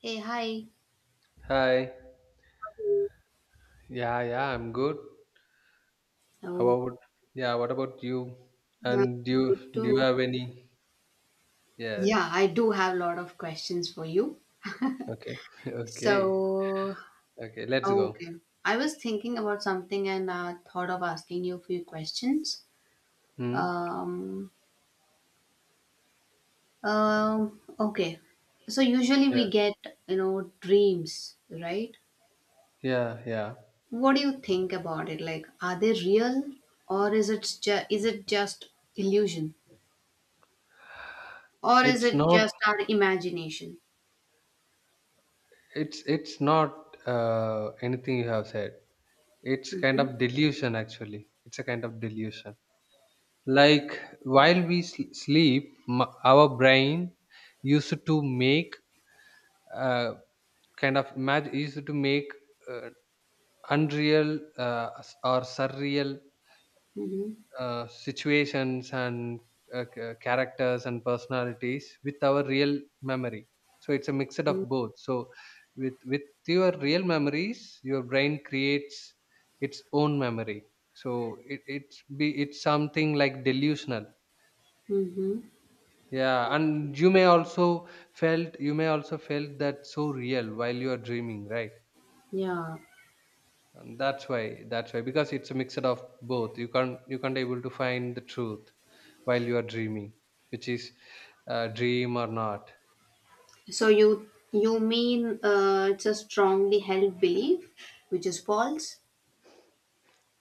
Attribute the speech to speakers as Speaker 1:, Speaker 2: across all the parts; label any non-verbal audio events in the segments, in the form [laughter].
Speaker 1: Hey, hi.
Speaker 2: Hi. Yeah, I'm good. How
Speaker 1: Oh,
Speaker 2: about yeah, what about you?
Speaker 1: yeah,
Speaker 2: And do
Speaker 1: good
Speaker 2: you do you
Speaker 1: too.
Speaker 2: have any? Yes.
Speaker 1: Yeah, I do have a lot of questions for you.
Speaker 2: Okay. [laughs] Okay.
Speaker 1: So,
Speaker 2: Okay, let's go.
Speaker 1: okay. I was thinking about something and thought of asking you a few questions.
Speaker 2: Hmm?
Speaker 1: Um, okay. So usually we
Speaker 2: Yes.
Speaker 1: get, you know, dreams, right?
Speaker 2: Yeah, yeah.
Speaker 1: What do you think about it? Like, are they real or is is it just illusion? Or is
Speaker 2: It's
Speaker 1: it
Speaker 2: not
Speaker 1: just our imagination?
Speaker 2: it's not anything you have said. It's kind
Speaker 1: Mm-hmm.
Speaker 2: of delusion actually. It's a kind of delusion. Like
Speaker 1: Yeah.
Speaker 2: while we sleep, our brain used to make uh kind of imagine used to make uh, unreal or surreal
Speaker 1: Mm-hmm.
Speaker 2: situations and characters and personalities with our real memory, so it's a mixed of both. So with your real memories your brain creates its own memory. So it, it's be it's something like delusional.
Speaker 1: Mm-hmm.
Speaker 2: Yeah, and you may also felt you may also felt that so real while you are dreaming, right?
Speaker 1: Yeah.
Speaker 2: And that's why, because it's a mixture of both, you can't able to find the truth while you are dreaming, which is dream or not.
Speaker 1: So you mean it's a strongly held belief, which is false.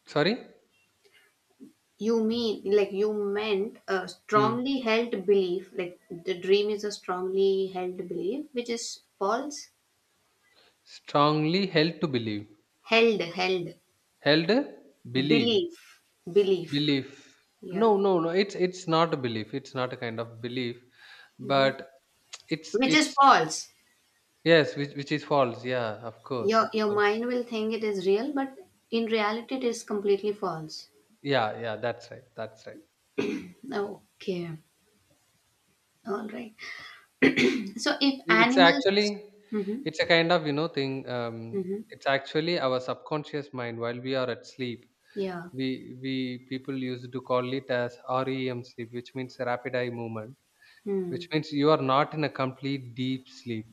Speaker 2: Sorry.
Speaker 1: You mean like you meant a
Speaker 2: mm.
Speaker 1: strongly held belief, like the dream is a strongly held belief, which is false.
Speaker 2: Strongly held to believe,
Speaker 1: Held
Speaker 2: held, believe,
Speaker 1: belief, belief.
Speaker 2: belief. no
Speaker 1: Yeah,
Speaker 2: no no it's not a belief, it's not a kind of belief, but it's
Speaker 1: which is
Speaker 2: it's
Speaker 1: false.
Speaker 2: yes, which is false. Yeah, of course
Speaker 1: Your
Speaker 2: of
Speaker 1: your
Speaker 2: course
Speaker 1: mind will think it is real, but in reality, it is completely false.
Speaker 2: Yeah, that's right, that's right.
Speaker 1: Okay, all right. So if
Speaker 2: It's
Speaker 1: animals.
Speaker 2: actually
Speaker 1: Mhm.
Speaker 2: it's a kind of, you know, thing,
Speaker 1: Mhm.
Speaker 2: it's actually our subconscious mind while we are at sleep.
Speaker 1: Yeah.
Speaker 2: We people used to call it as REM sleep, which means rapid eye movement, which
Speaker 1: Mm.
Speaker 2: means you are not in a complete deep sleep.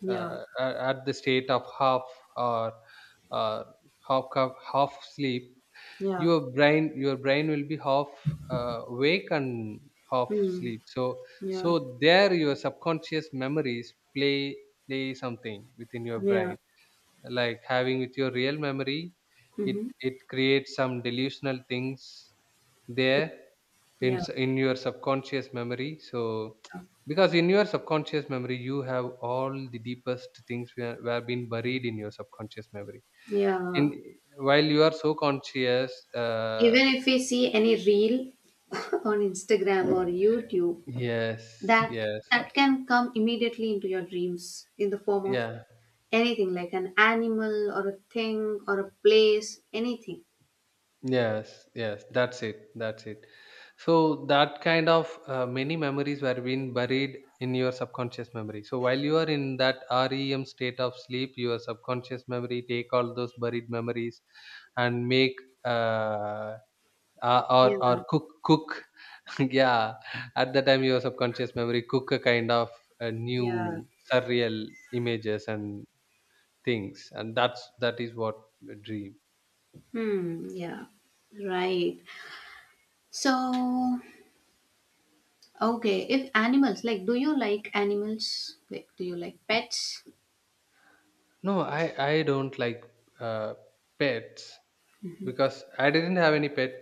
Speaker 1: Yeah.
Speaker 2: At the state of half or uh, half sleep,
Speaker 1: Yeah.
Speaker 2: your brain will be half awake and half
Speaker 1: Mm.
Speaker 2: sleep. So
Speaker 1: Yeah.
Speaker 2: there your subconscious memories play something within your brain,
Speaker 1: Yeah.
Speaker 2: like having with your real memory. it
Speaker 1: Mhm.
Speaker 2: it creates some delusional things there in
Speaker 1: Yeah.
Speaker 2: in your subconscious memory. So
Speaker 1: Yeah.
Speaker 2: because in your subconscious memory you have all the deepest things were been buried in your subconscious memory in
Speaker 1: Yeah.
Speaker 2: while you are so conscious.
Speaker 1: Even if we see any reel [laughs] on Instagram or YouTube,
Speaker 2: Yes,
Speaker 1: that
Speaker 2: yes,
Speaker 1: can come immediately into your dreams in the form of
Speaker 2: yeah,
Speaker 1: anything like an animal or a thing or a place, anything.
Speaker 2: yes, yes. That's it. That's it. So that kind of many memories were being buried in your subconscious memory. So while you are in that REM state of sleep, your subconscious memory take all those buried memories and make uh,
Speaker 1: Yeah.
Speaker 2: or cook cook. [laughs] Yeah, at the time your subconscious memory cook a kind of
Speaker 1: Yeah.
Speaker 2: new surreal images and things, and that is what a dream.
Speaker 1: Hmm. Yeah. Right. So okay, if animals, like, do you like animals? Like, do you like pets?
Speaker 2: No, I don't like uh, pets because I didn't have any pet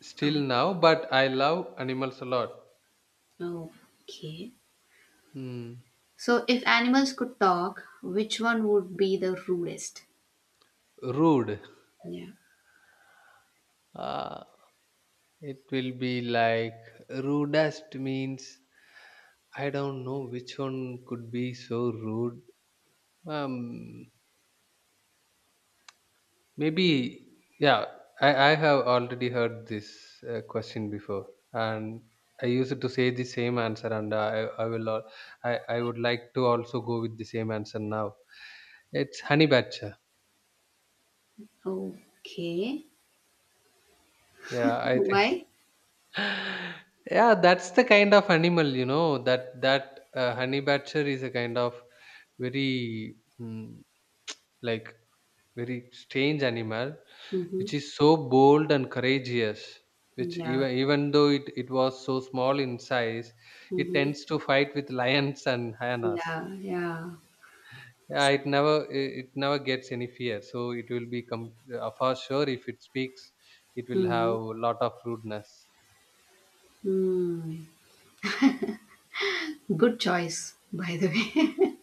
Speaker 2: still now, but I love animals a lot.
Speaker 1: Oh, okay.
Speaker 2: Hmm.
Speaker 1: So, if animals could talk, which one would be the rudest?
Speaker 2: Rude.
Speaker 1: Yeah.
Speaker 2: Uh, it will be like, rudest means I don't know which one could be so rude. Um, maybe, yeah, I have already heard this question before, and I used to say the same answer, and I would like to also go with the same answer now. It's honey badger.
Speaker 1: Okay.
Speaker 2: Yeah, I think
Speaker 1: Why?
Speaker 2: [laughs] yeah, that's the kind of animal, you know, that honey badger is a kind of very mm, like very strange animal,
Speaker 1: Mm-hmm.
Speaker 2: which is so bold and courageous, which
Speaker 1: Yeah.
Speaker 2: even though it was so small in size, it
Speaker 1: Mm-hmm.
Speaker 2: tends to fight with [laughs] lions and hyenas.
Speaker 1: Yeah. Yeah.
Speaker 2: Yeah, it never it never gets any fear, so it will be for sure if it speaks, it will have
Speaker 1: Mm-hmm.
Speaker 2: a lot of rudeness.
Speaker 1: Mm. Good choice, by the way.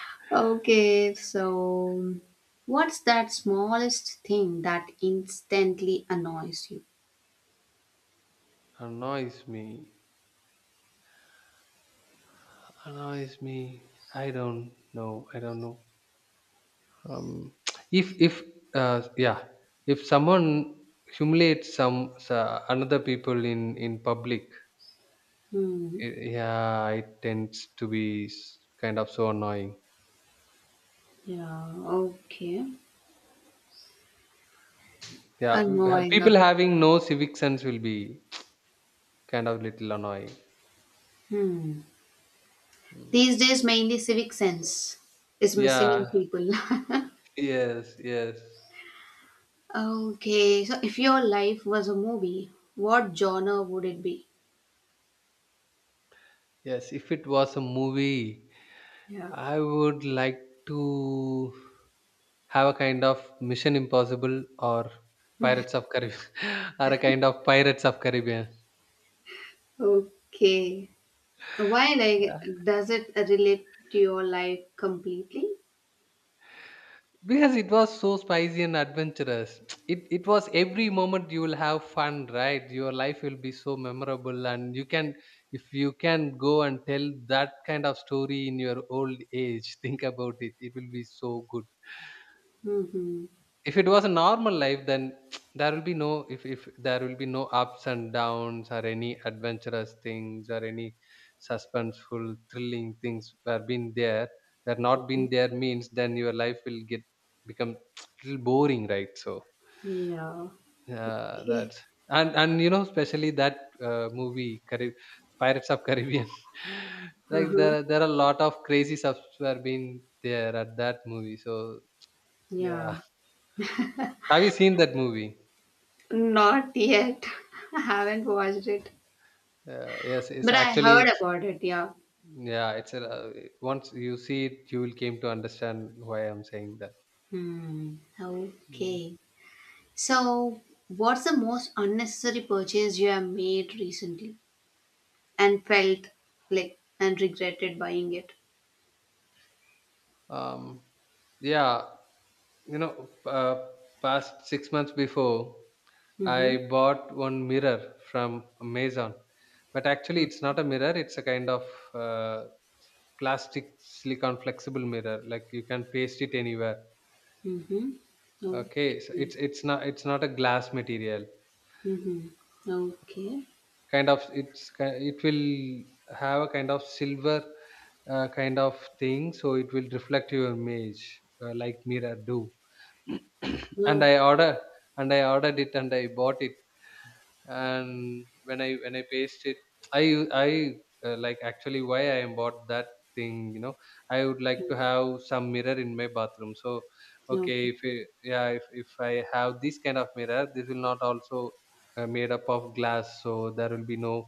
Speaker 1: [laughs] Okay, so what's that smallest thing that instantly annoys you?
Speaker 2: Annoys me annoys me i don't I don't know. Um, if yeah, if someone humiliates some another people in public,
Speaker 1: Hmm.
Speaker 2: yeah, it tends to be kind of so annoying.
Speaker 1: Yeah, okay.
Speaker 2: Yeah,
Speaker 1: Annoying,
Speaker 2: people
Speaker 1: okay.
Speaker 2: having no civic sense will be kind of little annoying.
Speaker 1: Hmm.
Speaker 2: Mm.
Speaker 1: These days, mainly civic sense is missing in
Speaker 2: Yeah,
Speaker 1: people. [laughs]
Speaker 2: yes yes
Speaker 1: Okay, so if your life was a movie, what genre would it be?
Speaker 2: yes. If it was a movie,
Speaker 1: Yeah.
Speaker 2: I would like to have a kind of Mission Impossible or Pirates of Caribbean [laughs] or a kind of Pirates of Caribbean.
Speaker 1: Okay. Why,
Speaker 2: Yeah.
Speaker 1: like, does it relate to your life completely?
Speaker 2: Because it was so spicy and adventurous. [tsk] It was every moment you will have fun, right? Your life will be so memorable, and you can, if you can go and tell that kind of story in your old age, [laughs] think about it. It will be so good.
Speaker 1: Mm-hmm.
Speaker 2: If it was a normal life, then [tsk] there will be no if if there will be no ups and downs or any adventurous things or any suspenseful, thrilling things were not been there, means then your life will get become [tsk] little boring, right? So
Speaker 1: Yeah.
Speaker 2: yeah,
Speaker 1: Okay.
Speaker 2: that's, and you know, especially that movie, Pirates of Caribbean. [laughs] Like
Speaker 1: Uh-huh.
Speaker 2: there are a lot of crazy subs were been there at that movie. So
Speaker 1: Yeah.
Speaker 2: yeah, have you seen that movie?
Speaker 1: Not yet. [laughs] I haven't watched it,
Speaker 2: Yes,
Speaker 1: but I heard about it. Yeah.
Speaker 2: yeah. It's a, once you see it, you will came to understand why I'm saying that.
Speaker 1: Hmm.
Speaker 2: Mm.
Speaker 1: Okay. So, what's the most unnecessary purchase you have made recently and felt like and regretted buying it?
Speaker 2: Um, yeah, you know, past 6 months before,
Speaker 1: Mm-hmm.
Speaker 2: I bought one mirror from Amazon, but actually it's not a mirror. It's a kind of uh, plastic silicone, flexible mirror. Like you can paste it anywhere.
Speaker 1: Mm-hmm.
Speaker 2: Okay, so
Speaker 1: Okay.
Speaker 2: it's not a glass material.
Speaker 1: Mm-hmm. Okay.
Speaker 2: Kind of, it will have a kind of silver kind of thing, so it will reflect your image like mirror do. [coughs] [clears throat] and
Speaker 1: Okay.
Speaker 2: i order and I ordered it and I bought it, and when I paste it, I u- I like, actually, why I bought that thing, you know, I would like to have some mirror in my bathroom. So okay,
Speaker 1: Okay.
Speaker 2: if it, yeah if I have this kind of mirror, this will not also made up of glass, so there will be no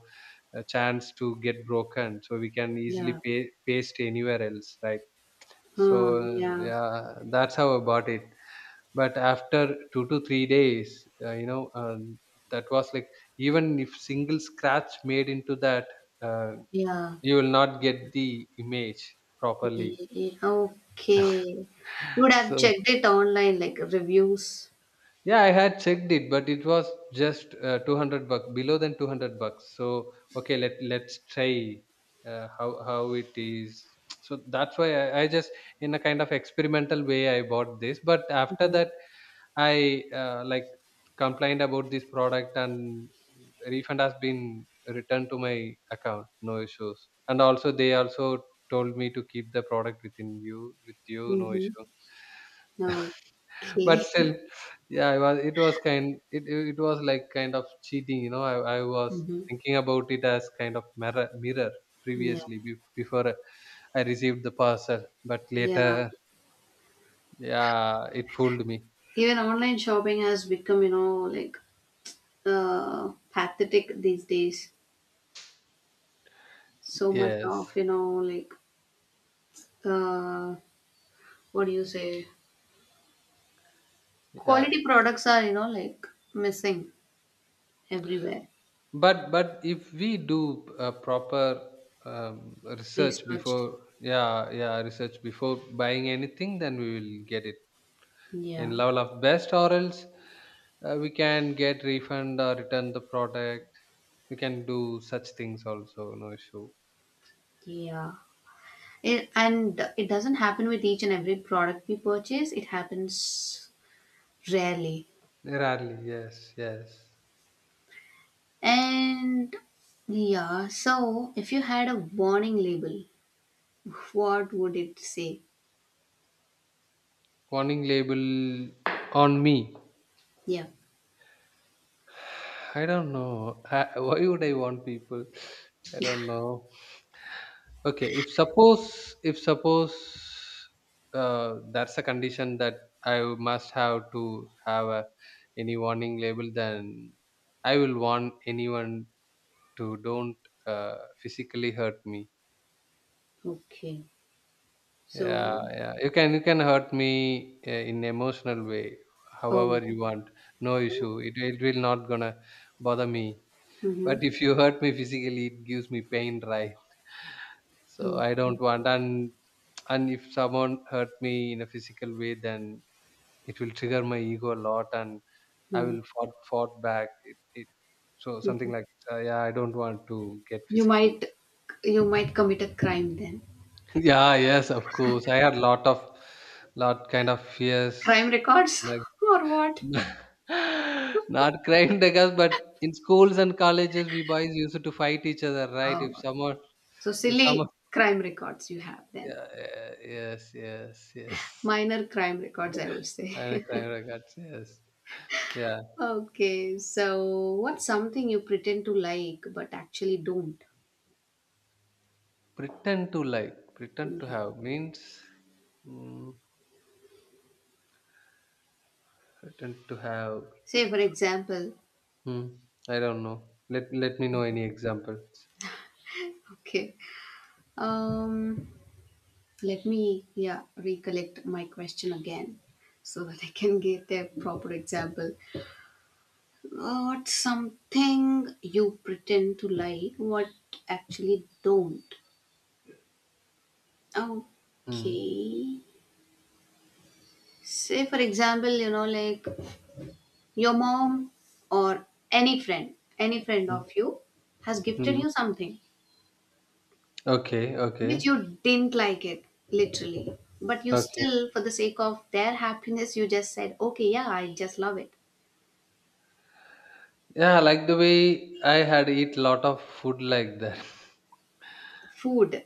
Speaker 2: a chance to get broken, so we can easily
Speaker 1: Yeah.
Speaker 2: paste anywhere else, right? So
Speaker 1: Uh, yeah.
Speaker 2: yeah, that's how I bought it. But after 2 to 3 days, you know, that was like, even if single scratch made into that, uh,
Speaker 1: Yeah.
Speaker 2: you will not get the image properly.
Speaker 1: Yeah. Yeah. Okay. You would have
Speaker 2: So
Speaker 1: checked it online, like reviews.
Speaker 2: yeah, I had checked it, but it was just 200 bucks below than 200 bucks. So okay, let's try how it is. So that's why I just in a kind of experimental way I bought this. But after
Speaker 1: Mm-hmm.
Speaker 2: that, I, like, complained about this product, and refund has been returned to my account, no issues. And also they also told me to keep the product with you, no
Speaker 1: Mm-hmm.
Speaker 2: issue. But
Speaker 1: Okay.
Speaker 2: still,
Speaker 1: [laughs]
Speaker 2: yeah, it was, it was kind it, it it was like kind of cheating, you know. I was
Speaker 1: Mm-hmm.
Speaker 2: thinking about it as kind of mirror
Speaker 1: Yeah.
Speaker 2: previously before I received the parcel, but
Speaker 1: Yeah.
Speaker 2: later, yeah, it fooled me.
Speaker 1: Even online shopping has become, you know, like pathetic these days. So much of,
Speaker 2: Yes,
Speaker 1: you know, like uh, what do you say?
Speaker 2: yeah.
Speaker 1: Quality products are, you know, like missing everywhere.
Speaker 2: But if we do a proper research before,
Speaker 1: Researched.
Speaker 2: yeah, yeah research before buying anything, then we will get it in
Speaker 1: Yeah.
Speaker 2: level of best, or else we can get refund or return the product. We can do such things also, no issue.
Speaker 1: Yeah. It, and it doesn't happen with each and every product we purchase. It happens rarely.
Speaker 2: Rarely, yes, yes.
Speaker 1: And yeah, so if you had a warning label, what would it say?
Speaker 2: Warning label on me,
Speaker 1: Yeah.
Speaker 2: I don't know. [laughs] I, why would I want people, I don't know. Okay, if suppose that's a condition that I must have to have a, any warning label, then I will warn anyone to don't physically hurt me.
Speaker 1: Okay. So,
Speaker 2: Yeah, you can, hurt me in emotional way, however
Speaker 1: oh,
Speaker 2: you want, no issue. It will not gonna bother me.
Speaker 1: mm-hmm,
Speaker 2: But if you hurt me physically, it gives me pain, right? So
Speaker 1: oh,
Speaker 2: I don't want. And if someone hurt me in a physical way, then it will trigger my ego a lot. And I
Speaker 1: mm,
Speaker 2: will fought back. It So
Speaker 1: mhm.
Speaker 2: something like yeah, I don't want to get
Speaker 1: You
Speaker 2: physically.
Speaker 1: might, you might commit a crime then.
Speaker 2: Yeah, yes, of course. I had lot of lot kind of
Speaker 1: Crime
Speaker 2: fears,
Speaker 1: records
Speaker 2: like
Speaker 1: [laughs] or what?
Speaker 2: [laughs] not crying, because but in schools and colleges we boys used to fight each other, right?
Speaker 1: Oh,
Speaker 2: If someone,
Speaker 1: so
Speaker 2: if
Speaker 1: silly
Speaker 2: someone
Speaker 1: crime records you have then.
Speaker 2: yeah, yeah, yes, yes, yes.
Speaker 1: Minor crime records, I would
Speaker 2: [laughs]
Speaker 1: say.
Speaker 2: And
Speaker 1: [laughs]
Speaker 2: crying regards, yes. Yeah.
Speaker 1: Okay, so what's something you pretend to like but actually don't?
Speaker 2: Pretend to like, pretend to
Speaker 1: Yeah.
Speaker 2: have means, mm, pretend to have.
Speaker 1: Say for example,
Speaker 2: Hmm, I don't know. Let me know any examples.
Speaker 1: okay. Um, let me yeah recollect my question again so that I can get a proper example. What's something you pretend to like what actually don't?
Speaker 2: Hmm.
Speaker 1: Okay. Say for example, you know, like your mom or any friend, any friend
Speaker 2: Hmm.
Speaker 1: of you has gifted
Speaker 2: Hmm.
Speaker 1: you something
Speaker 2: Okay,
Speaker 1: which you didn't like it, literally. But you
Speaker 2: okay.
Speaker 1: still, for the sake of their happiness, you just said, okay, yeah, I just love it.
Speaker 2: Yeah, like the way I had eat lot of food like that.
Speaker 1: Food,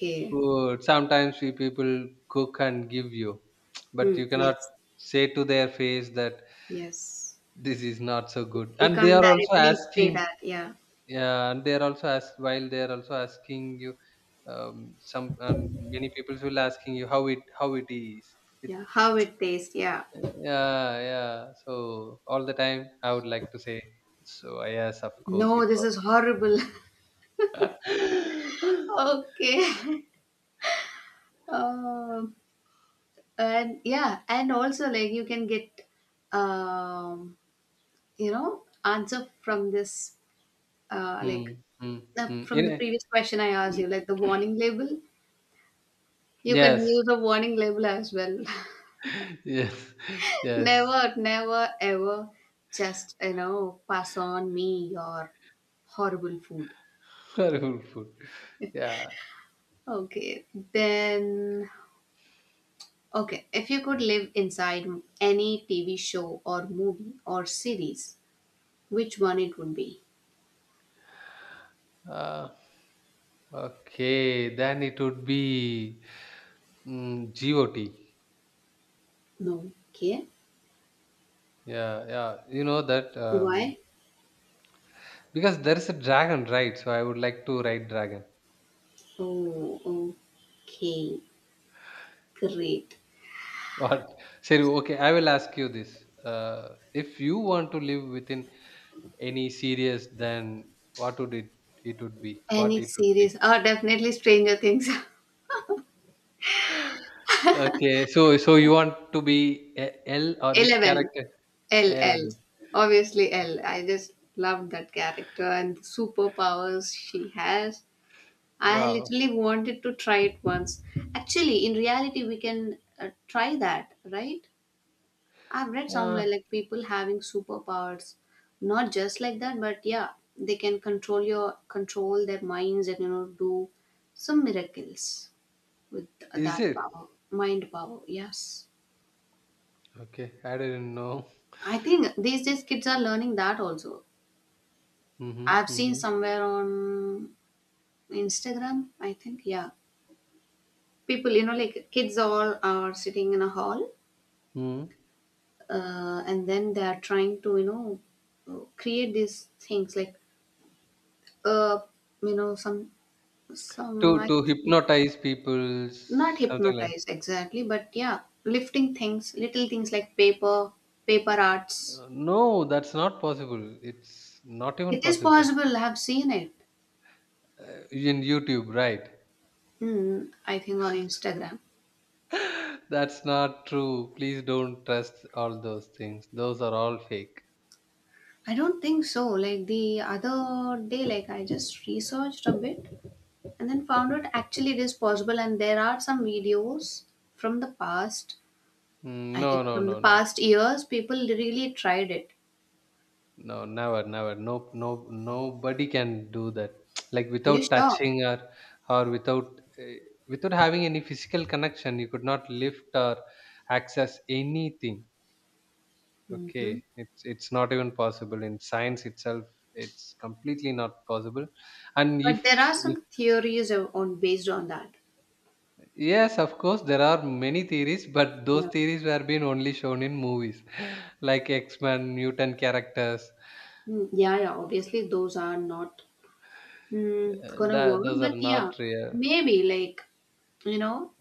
Speaker 2: [laughs] Food. Sometimes we people cook and give you, [tsk] but
Speaker 1: Hmm.
Speaker 2: you cannot
Speaker 1: Yes,
Speaker 2: say to their face that
Speaker 1: yes.
Speaker 2: this is not so good.
Speaker 1: You
Speaker 2: And they
Speaker 1: can't
Speaker 2: are also
Speaker 1: directly say
Speaker 2: asking.
Speaker 1: that, yeah.
Speaker 2: Yeah, and they are also asking you. Some and many people will asking you how it is. It,
Speaker 1: Yeah, how it tastes. Yeah.
Speaker 2: yeah, yeah. So all the time I would like to say. So yes, of course it
Speaker 1: No, this
Speaker 2: was.
Speaker 1: is horrible.
Speaker 2: [laughs] Hmm.
Speaker 1: [laughs] Okay. [laughs] Um, and yeah, and also like you can get, um, you know, answer from this, like
Speaker 2: Hmm. Hmm. You
Speaker 1: from the
Speaker 2: know,
Speaker 1: previous question I asked you, like the warning label. You can
Speaker 2: yes,
Speaker 1: use a warning label as well.
Speaker 2: [laughs] yes,
Speaker 1: [laughs]
Speaker 2: yes.
Speaker 1: Never, ever just, you know, pass on me your horrible food.
Speaker 2: [laughs] Horrible food. Yeah.
Speaker 1: Okay, then okay, if you could live inside any TV show or movie or series, which one it would be?
Speaker 2: Uh, okay. Then it would be, GOT.
Speaker 1: No. Okay.
Speaker 2: Yeah, yeah. You know that,
Speaker 1: Why?
Speaker 2: because there is a dragon, right? So I would like to write dragon.
Speaker 1: Oh, okay. Great.
Speaker 2: [laughs] What? Seri, okay. I will ask you this. If you want to live within any series, then what would it would be? What
Speaker 1: Any
Speaker 2: it would be?
Speaker 1: series? Oh, definitely Stranger Things.
Speaker 2: Okay, so you want to be a L or
Speaker 1: [laughs]
Speaker 2: which
Speaker 1: 11.
Speaker 2: character?
Speaker 1: L
Speaker 2: L.
Speaker 1: L. Obviously, L. I just love that character and the superpowers she has. I
Speaker 2: Wow.
Speaker 1: literally wanted to try it once. Actually, in reality, we can try that, right? I've read
Speaker 2: Uh,
Speaker 1: somewhere like people having superpowers, not just like that, but yeah, they can control your control their minds and you know do some miracles with
Speaker 2: is
Speaker 1: that
Speaker 2: it?
Speaker 1: power, mind power. Yes,
Speaker 2: Okay, I didn't know.
Speaker 1: I think these days kids are learning that also.
Speaker 2: Mm-hmm,
Speaker 1: I've seen
Speaker 2: mm-hmm,
Speaker 1: somewhere on Instagram, I think. Yeah, people, you know, like kids all are sitting in a hall,
Speaker 2: mm-hmm.
Speaker 1: and then they are trying to you know create these things like uh you know
Speaker 2: To
Speaker 1: some I
Speaker 2: to
Speaker 1: think
Speaker 2: hypnotize people,
Speaker 1: not
Speaker 2: something like.
Speaker 1: hypnotize exactly, but yeah, lifting things, little things like paper, paper arts.
Speaker 2: No, that's not possible. It's not even
Speaker 1: It is
Speaker 2: possible.
Speaker 1: possible. I've seen it.
Speaker 2: In YouTube, right?
Speaker 1: Hmm, I think on Instagram.
Speaker 2: [laughs] That's not true. Please don't trust all those things. Those are all fake.
Speaker 1: I don't think so. Like the other day, like I just researched a bit and then found out actually it is possible. And there are some videos from the past.
Speaker 2: Mm,
Speaker 1: I
Speaker 2: no,
Speaker 1: think
Speaker 2: no,
Speaker 1: from the
Speaker 2: no, no.
Speaker 1: past years, people really tried it.
Speaker 2: No, never, never. No, no, nobody can do that. [tsk] Like
Speaker 1: Are you
Speaker 2: without
Speaker 1: sure?
Speaker 2: touching or without without having any physical connection, you could not lift or access anything. Okay,
Speaker 1: Hmm.
Speaker 2: it's not even possible in science itself. It's completely not possible. And if,
Speaker 1: But there are
Speaker 2: if
Speaker 1: some theories on based on that.
Speaker 2: yes, of course, there are many theories, but those
Speaker 1: Yeah.
Speaker 2: theories were being only shown in movies, [laughs] like X Men, mutant characters.
Speaker 1: Yeah, yeah. Obviously, those are not gonna
Speaker 2: That
Speaker 1: work,
Speaker 2: those are
Speaker 1: but yeah,
Speaker 2: not real.
Speaker 1: maybe like you know,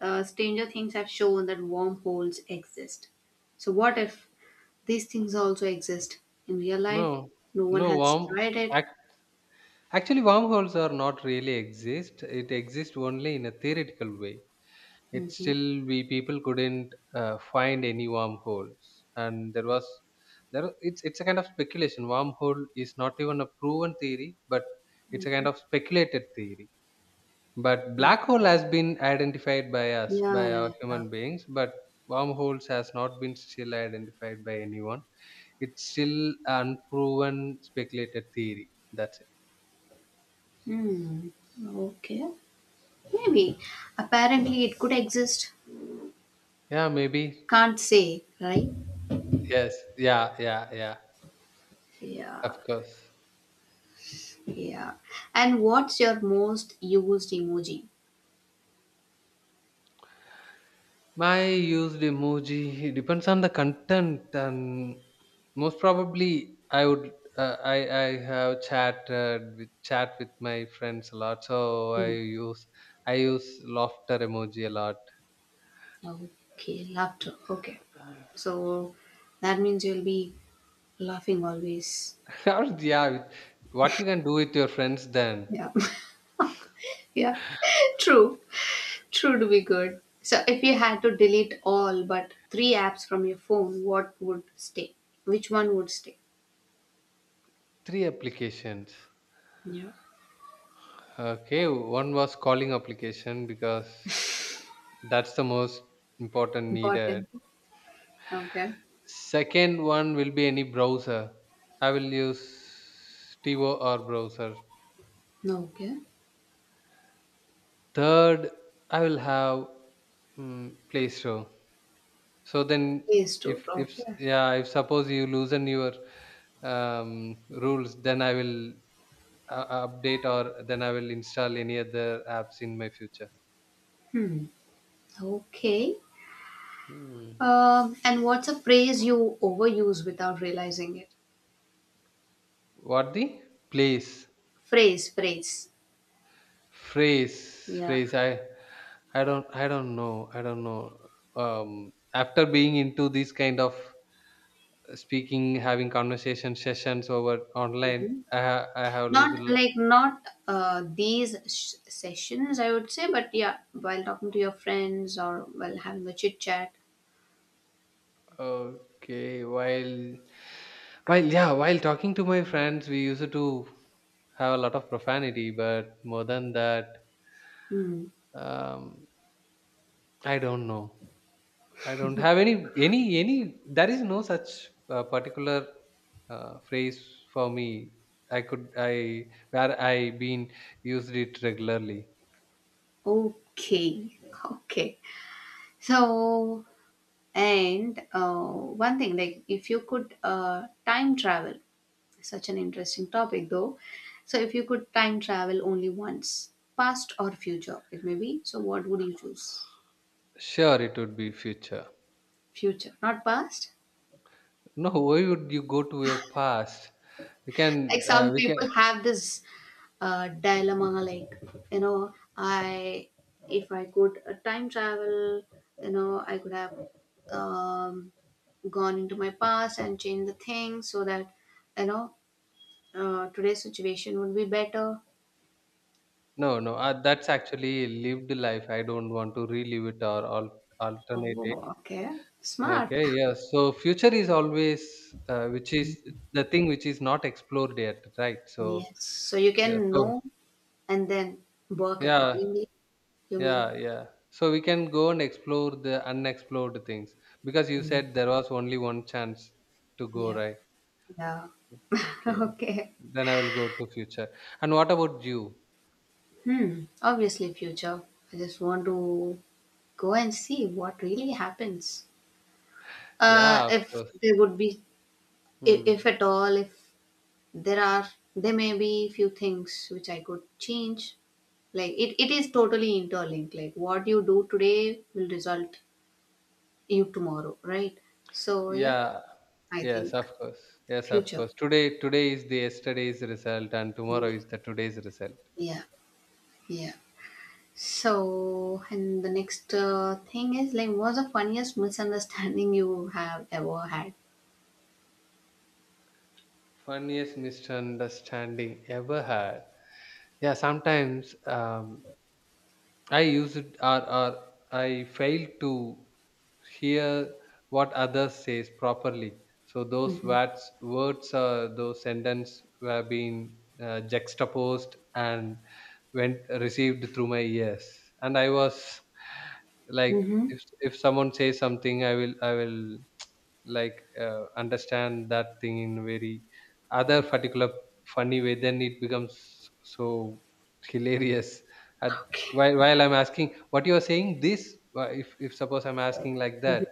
Speaker 1: Stranger Things have shown that wormholes exist. So what if these things also exist in real life?
Speaker 2: No,
Speaker 1: No one
Speaker 2: no
Speaker 1: has
Speaker 2: worm.
Speaker 1: tried it.
Speaker 2: Act, actually, wormholes are not really exist. It exists only in a theoretical way. It
Speaker 1: Mm-hmm.
Speaker 2: still we people couldn't find any wormholes, and there was there. It's a kind of speculation. Wormhole is not even a proven theory, but it's a kind of speculated theory. But
Speaker 1: Oh,
Speaker 2: black hole has been identified by us by
Speaker 1: yeah, yeah,
Speaker 2: our
Speaker 1: yeah.
Speaker 2: human beings, but wormholes has not been still identified by anyone, it's still unproven speculated theory. That's it.
Speaker 1: Hmm. Okay. Maybe. Apparently, it could exist.
Speaker 2: Yeah, maybe.
Speaker 1: Can't say, right?
Speaker 2: Yes. Yeah, yeah, yeah.
Speaker 1: Yeah,
Speaker 2: Of course.
Speaker 1: yeah. And what's your most used emoji?
Speaker 2: My used emoji it depends on the content and most probably I would I have chatted with chat with my friends a lot, so
Speaker 1: Mm.
Speaker 2: use I use laughter emoji a lot.
Speaker 1: Okay, laughter. Okay. So that means you'll be laughing always.
Speaker 2: [laughs] Or, yeah, with- what you can do with your friends then?
Speaker 1: Yeah. [laughs] Yeah. [laughs] True. True to be good. So if you had to delete all but three apps from your phone, what would stay? Which one would stay?
Speaker 2: Three applications.
Speaker 1: Yeah.
Speaker 2: Okay, one was calling application because that's the most important needed.
Speaker 1: Important. Okay.
Speaker 2: Second one will be any browser. I will use Tivo or browser.
Speaker 1: Okay.
Speaker 2: Third, I will have Play Store. So then,
Speaker 1: Yes, true.
Speaker 2: if s-
Speaker 1: Okay.
Speaker 2: yeah, if suppose you loosen your rules, then I will update or then I will install any other apps in my future.
Speaker 1: Hmm. Okay.
Speaker 2: Hmm.
Speaker 1: And what's a phrase you overuse without realizing it?
Speaker 2: What the place?
Speaker 1: Phrase, phrase.
Speaker 2: Phrase,
Speaker 1: Yeah.
Speaker 2: phrase, I I don't know. I don't know. After being into this kind of speaking, having conversation sessions over online, I have lose.
Speaker 1: Not like not sessions, I would say, but yeah, while talking to your friends or while having a chit chat.
Speaker 2: Okay, while yeah, while talking to my friends, we used to have a lot of profanity, but more than that,
Speaker 1: Hmm.
Speaker 2: um, I don't know. I don't have any, there is no such, particular, phrase for me. I could I where I been used it regularly.
Speaker 1: Okay, [laughs] okay. So, and one thing, like if you could time travel, such an interesting topic though. So, if you could time travel only once, past or future, it may be. So, what would you choose?
Speaker 2: Sure, it would be future.
Speaker 1: Future, not past.
Speaker 2: No, why would you go to your past? We
Speaker 1: Like
Speaker 2: can,
Speaker 1: some
Speaker 2: we can.
Speaker 1: people have this dilemma like you know I if I could time travel you know I could have um, gone into my past and changed the things so that you know today's situation would be better.
Speaker 2: No, no, that's actually lived life. I don't want to relive it or alternate it.
Speaker 1: Oh, okay, smart.
Speaker 2: Okay, yeah. So future is always, which is the thing which is not explored yet, right? So,
Speaker 1: Yes, so you
Speaker 2: yeah.
Speaker 1: can
Speaker 2: So
Speaker 1: know and then work
Speaker 2: yeah,
Speaker 1: accordingly, you
Speaker 2: yeah,
Speaker 1: mean.
Speaker 2: yeah. So we can go and explore the unexplored things because you said there was only one chance to go,
Speaker 1: Yeah,
Speaker 2: right?
Speaker 1: yeah. [laughs]
Speaker 2: Okay.
Speaker 1: Okay.
Speaker 2: Then I will go to future. And what about you?
Speaker 1: Hmm, obviously future. I just want to go and see what really happens.
Speaker 2: Yeah, of
Speaker 1: If
Speaker 2: course.
Speaker 1: there would be,
Speaker 2: Hmm.
Speaker 1: if at all, if there are, there may be few things which I could change. Like it is totally interlinked. Like what you do today will result you tomorrow, right? So yeah,
Speaker 2: Yeah.
Speaker 1: I
Speaker 2: Yes,
Speaker 1: think
Speaker 2: of course. Yes, of
Speaker 1: future.
Speaker 2: course. Today, today is the yesterday's result, and tomorrow
Speaker 1: Yeah,
Speaker 2: is the today's result.
Speaker 1: yeah, yeah. So and the next thing is like, what's the funniest misunderstanding [laughs] you have ever had?
Speaker 2: Funniest misunderstanding ever had. Yeah, sometimes I use it or I fail to hear what others says properly. So those words or those sentence were being juxtaposed and went received through my ears. And I was like,
Speaker 1: Mm-hmm.
Speaker 2: if someone says something, I will [tsk] like understand that thing in very other particular funny way. Then it becomes so hilarious [laughs] at
Speaker 1: Okay.
Speaker 2: while I'm asking what you are saying, if suppose I'm asking like that,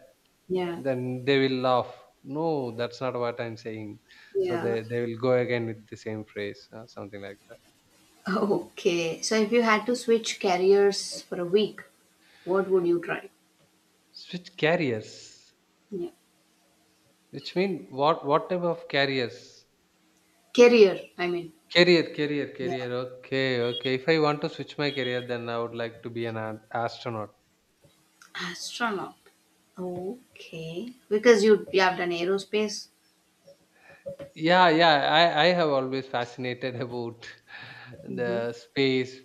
Speaker 1: Yeah.
Speaker 2: then they will laugh. No, that's not what I'm saying. So
Speaker 1: Yeah.
Speaker 2: they will go again with the same phrase, something like that.
Speaker 1: Okay, so if you had to switch careers for a week, what would you try?
Speaker 2: Switch carriers
Speaker 1: Yeah.
Speaker 2: which mean what type of carriers?
Speaker 1: Career, I mean,
Speaker 2: career career
Speaker 1: yeah.
Speaker 2: career okay, okay, if I want to switch my career, then I would like to be an astronaut.
Speaker 1: Astronaut. Okay, because you have done aerospace.
Speaker 2: Yeah, yeah, I have always fascinated about [laughs]
Speaker 1: Mm-hmm.
Speaker 2: the space,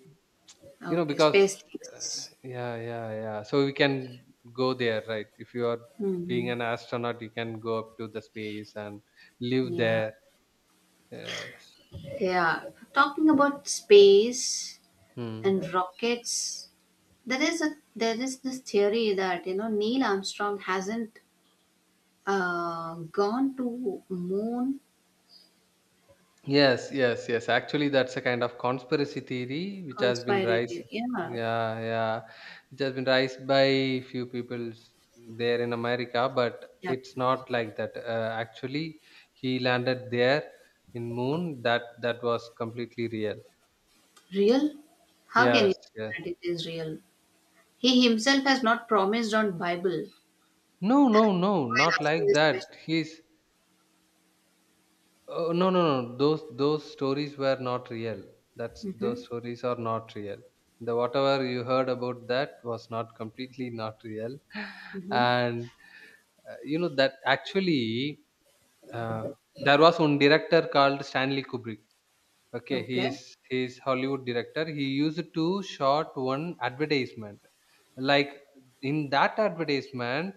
Speaker 2: you know,
Speaker 1: Okay,
Speaker 2: because
Speaker 1: space
Speaker 2: uh,
Speaker 1: things.
Speaker 2: yeah, yeah, yeah, so we can go there, right? If you are being
Speaker 1: Mm-hmm.
Speaker 2: an astronaut, you can go up to the space and live
Speaker 1: Yeah,
Speaker 2: there. Yes.
Speaker 1: yeah. Talking about space
Speaker 2: Hmm.
Speaker 1: and rockets, there is this theory that you know Neil Armstrong hasn't gone to moon.
Speaker 2: Yes, yes, yes, actually that's a kind of conspiracy theory which has been raised.
Speaker 1: Conspiracy. Yeah,
Speaker 2: Yeah, yeah, it has been raised by few people there in America, but
Speaker 1: yeah.
Speaker 2: it's not like that, actually he landed there in moon, that that was completely real.
Speaker 1: Real? How can
Speaker 2: Yes,
Speaker 1: you say
Speaker 2: yes.
Speaker 1: that it is real? He himself has not promised on Bible
Speaker 2: No, no, no,
Speaker 1: while
Speaker 2: not
Speaker 1: asking
Speaker 2: like
Speaker 1: this question.
Speaker 2: that. He's oh, no, no, no. Those stories were not real. That's
Speaker 1: Mm-hmm.
Speaker 2: those stories are not real. The whatever you heard about that was not completely not real, [laughs]
Speaker 1: Mm-hmm.
Speaker 2: and you know that actually uh, there was one director called Stanley Kubrick. Okay,
Speaker 1: Okay.
Speaker 2: he's Hollywood director. He used to shot one advertisement. Like in that advertisement,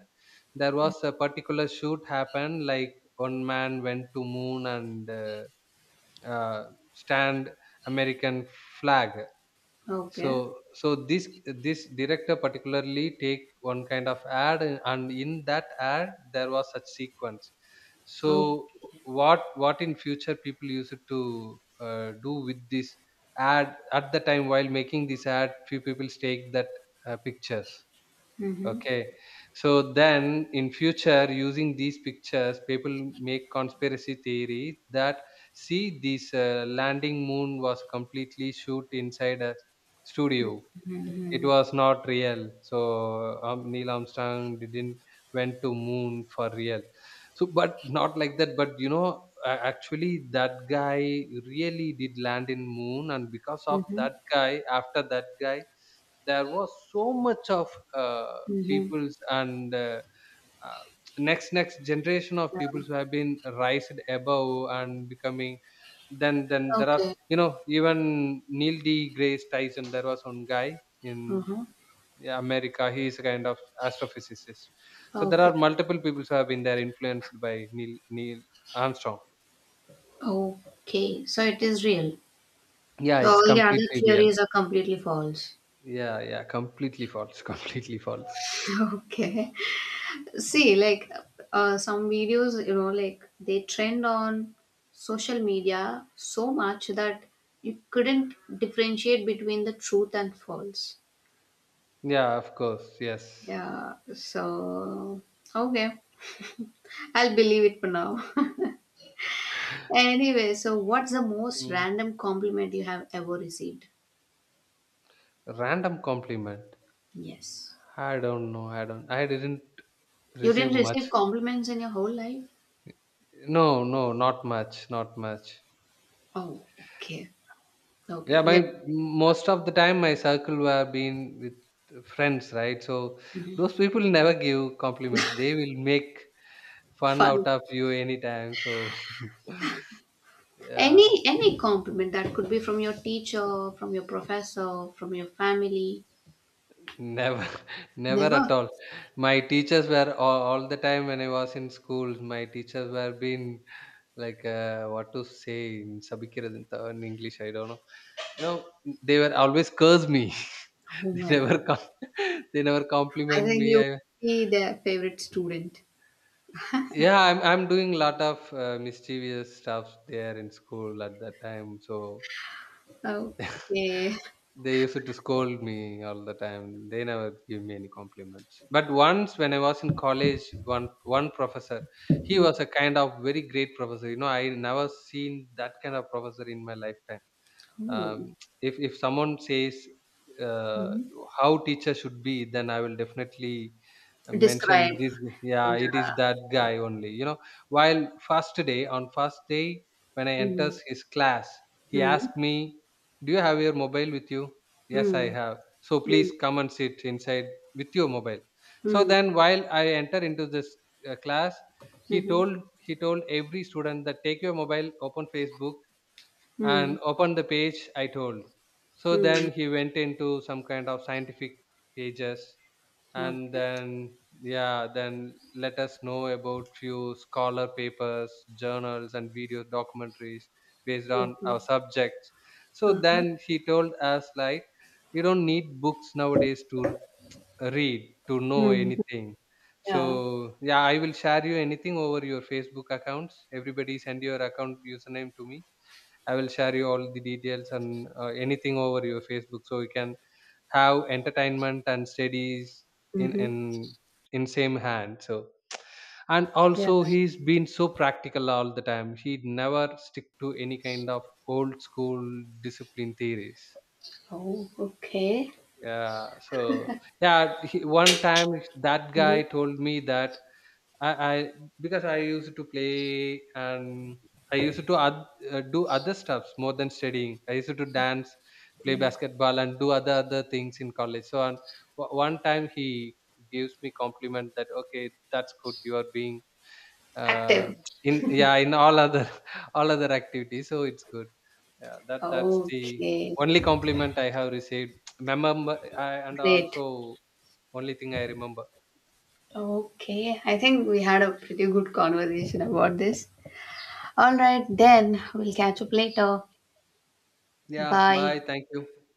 Speaker 2: there was a particular shoot happened. Like one man went to moon and uh, stand American flag.
Speaker 1: Okay.
Speaker 2: So this director particularly take one kind of ad, and in that ad there was such sequence. So
Speaker 1: Okay.
Speaker 2: what in future people used to do with this ad, at the time while making this ad few people take that pictures.
Speaker 1: Mm-hmm.
Speaker 2: Okay. So then in future, using these pictures, people make conspiracy theory that see this landing moon was completely shoot inside a studio. It
Speaker 1: Mm-hmm.
Speaker 2: was not real. So Neil Armstrong didn't went to moon for real. So, but not like that. But you know, actually, that guy really did land in moon, and because of
Speaker 1: Mm-hmm.
Speaker 2: that guy, after that guy, there was so much of
Speaker 1: Mm-hmm.
Speaker 2: peoples and uh, next generation of
Speaker 1: Yeah.
Speaker 2: peoples who have been raised above and becoming then there are
Speaker 1: Okay.
Speaker 2: you know even Neil D Grace Tyson, there was one guy in
Speaker 1: Mm-hmm.
Speaker 2: yeah, America, he is a kind of astrophysicist. So there
Speaker 1: Okay.
Speaker 2: are multiple people who have been there influenced by Neil Armstrong.
Speaker 1: Okay. So it is real.
Speaker 2: Yeah,
Speaker 1: So
Speaker 2: it's
Speaker 1: all the other
Speaker 2: completely real.
Speaker 1: theories are completely false.
Speaker 2: Yeah, yeah, completely false. [laughs] Completely false.
Speaker 1: [laughs] Okay. See, like some videos, you know, like they trend on social media so much that you couldn't differentiate between the truth and false.
Speaker 2: Yeah, of course, yes.
Speaker 1: Yeah, so okay, I'll believe it for now. [laughs] Anyway, so what's the most
Speaker 2: Mm.
Speaker 1: random compliment you have ever received?
Speaker 2: Random compliment.
Speaker 1: Yes.
Speaker 2: I don't know. I don't. I didn't
Speaker 1: You
Speaker 2: receive
Speaker 1: didn't receive
Speaker 2: much.
Speaker 1: compliments in your whole life?
Speaker 2: No, no, not much. Not much.
Speaker 1: Oh, okay. Okay.
Speaker 2: Yeah,
Speaker 1: Let's
Speaker 2: my most of the time my circle were been with friends, right? So those people never give compliments. They will make fun
Speaker 1: fun.
Speaker 2: out of you anytime. So [laughs] yeah,
Speaker 1: Any compliment that could be from your teacher, from your professor, from your family.
Speaker 2: never, [laughs] never
Speaker 1: Never?
Speaker 2: at all. My teachers were all the time when I was in school. My teachers were been like, what to say in Sabikiradanth in English, I don't know. No, they were always curse me. [laughs]
Speaker 1: Oh
Speaker 2: they
Speaker 1: my
Speaker 2: never
Speaker 1: god.
Speaker 2: com- [laughs] they never
Speaker 1: I
Speaker 2: compliment me.
Speaker 1: think you
Speaker 2: I,
Speaker 1: would be their favorite student.
Speaker 2: yeah, I'm doing lot of mischievous stuff there in school at that time. So
Speaker 1: Okay.
Speaker 2: [laughs] they used to scold me all the time. They never give me any compliments. But once when I was in college, one professor, he
Speaker 1: Okay.
Speaker 2: was a kind of very great professor. You know, I never seen that kind of professor in my lifetime.
Speaker 1: Oh.
Speaker 2: Um, if someone says uh,
Speaker 1: Mhm.
Speaker 2: how teacher should be, then I will definitely mention
Speaker 1: Describe.
Speaker 2: this. Yeah, it is
Speaker 1: Yeah.
Speaker 2: that guy only, you know, while first day when I enters
Speaker 1: Mm.
Speaker 2: his class, he
Speaker 1: Mm.
Speaker 2: asked me, do you have your mobile with you? Yes, I
Speaker 1: Mm.
Speaker 2: have. So please
Speaker 1: Mm.
Speaker 2: come and sit inside with your mobile. So
Speaker 1: Mm.
Speaker 2: then while I enter into this class, he
Speaker 1: Hmm.
Speaker 2: told, he told every student that take your mobile, open Facebook
Speaker 1: Mm.
Speaker 2: and open the page I told. So then
Speaker 1: Mm.
Speaker 2: he went into some kind of scientific pages, and
Speaker 1: Okay.
Speaker 2: then yeah, then let us know about few scholar papers, journals and video documentaries based on
Speaker 1: Okay.
Speaker 2: our subjects. So
Speaker 1: Uh-huh.
Speaker 2: then he told us like, you don't need books nowadays to read to know
Speaker 1: Mm.
Speaker 2: anything. So
Speaker 1: Yeah.
Speaker 2: yeah, I will share you anything over your Facebook accounts. Everybody send your account username to me, I will share you all the details and anything over your Facebook, so you can have entertainment and studies in
Speaker 1: Mm-hmm.
Speaker 2: in in same hand. So and
Speaker 1: Yeah.
Speaker 2: also he's been so practical all the time. He never stick to any kind of old school discipline theories.
Speaker 1: Oh, okay.
Speaker 2: Yeah. So yeah, he, one time that
Speaker 1: Mm-hmm.
Speaker 2: guy told me that I, because I used to play and I used to do other stuffs more than studying. I used to dance, play
Speaker 1: Yeah.
Speaker 2: basketball, and do other things in college. So on, one time he gives me compliment that okay, that's good. You are being uh,
Speaker 1: Active.
Speaker 2: in yeah in all other [laughs] all other activities, so it's good. Yeah, that that's the
Speaker 1: Okay.
Speaker 2: only compliment I have received. [tsk] Remember, I, and
Speaker 1: Great.
Speaker 2: also only thing I remember.
Speaker 1: Okay, I think we had a pretty good conversation about this. All right, then we'll catch up later.
Speaker 2: Yeah. Bye.
Speaker 1: Bye.
Speaker 2: Thank you.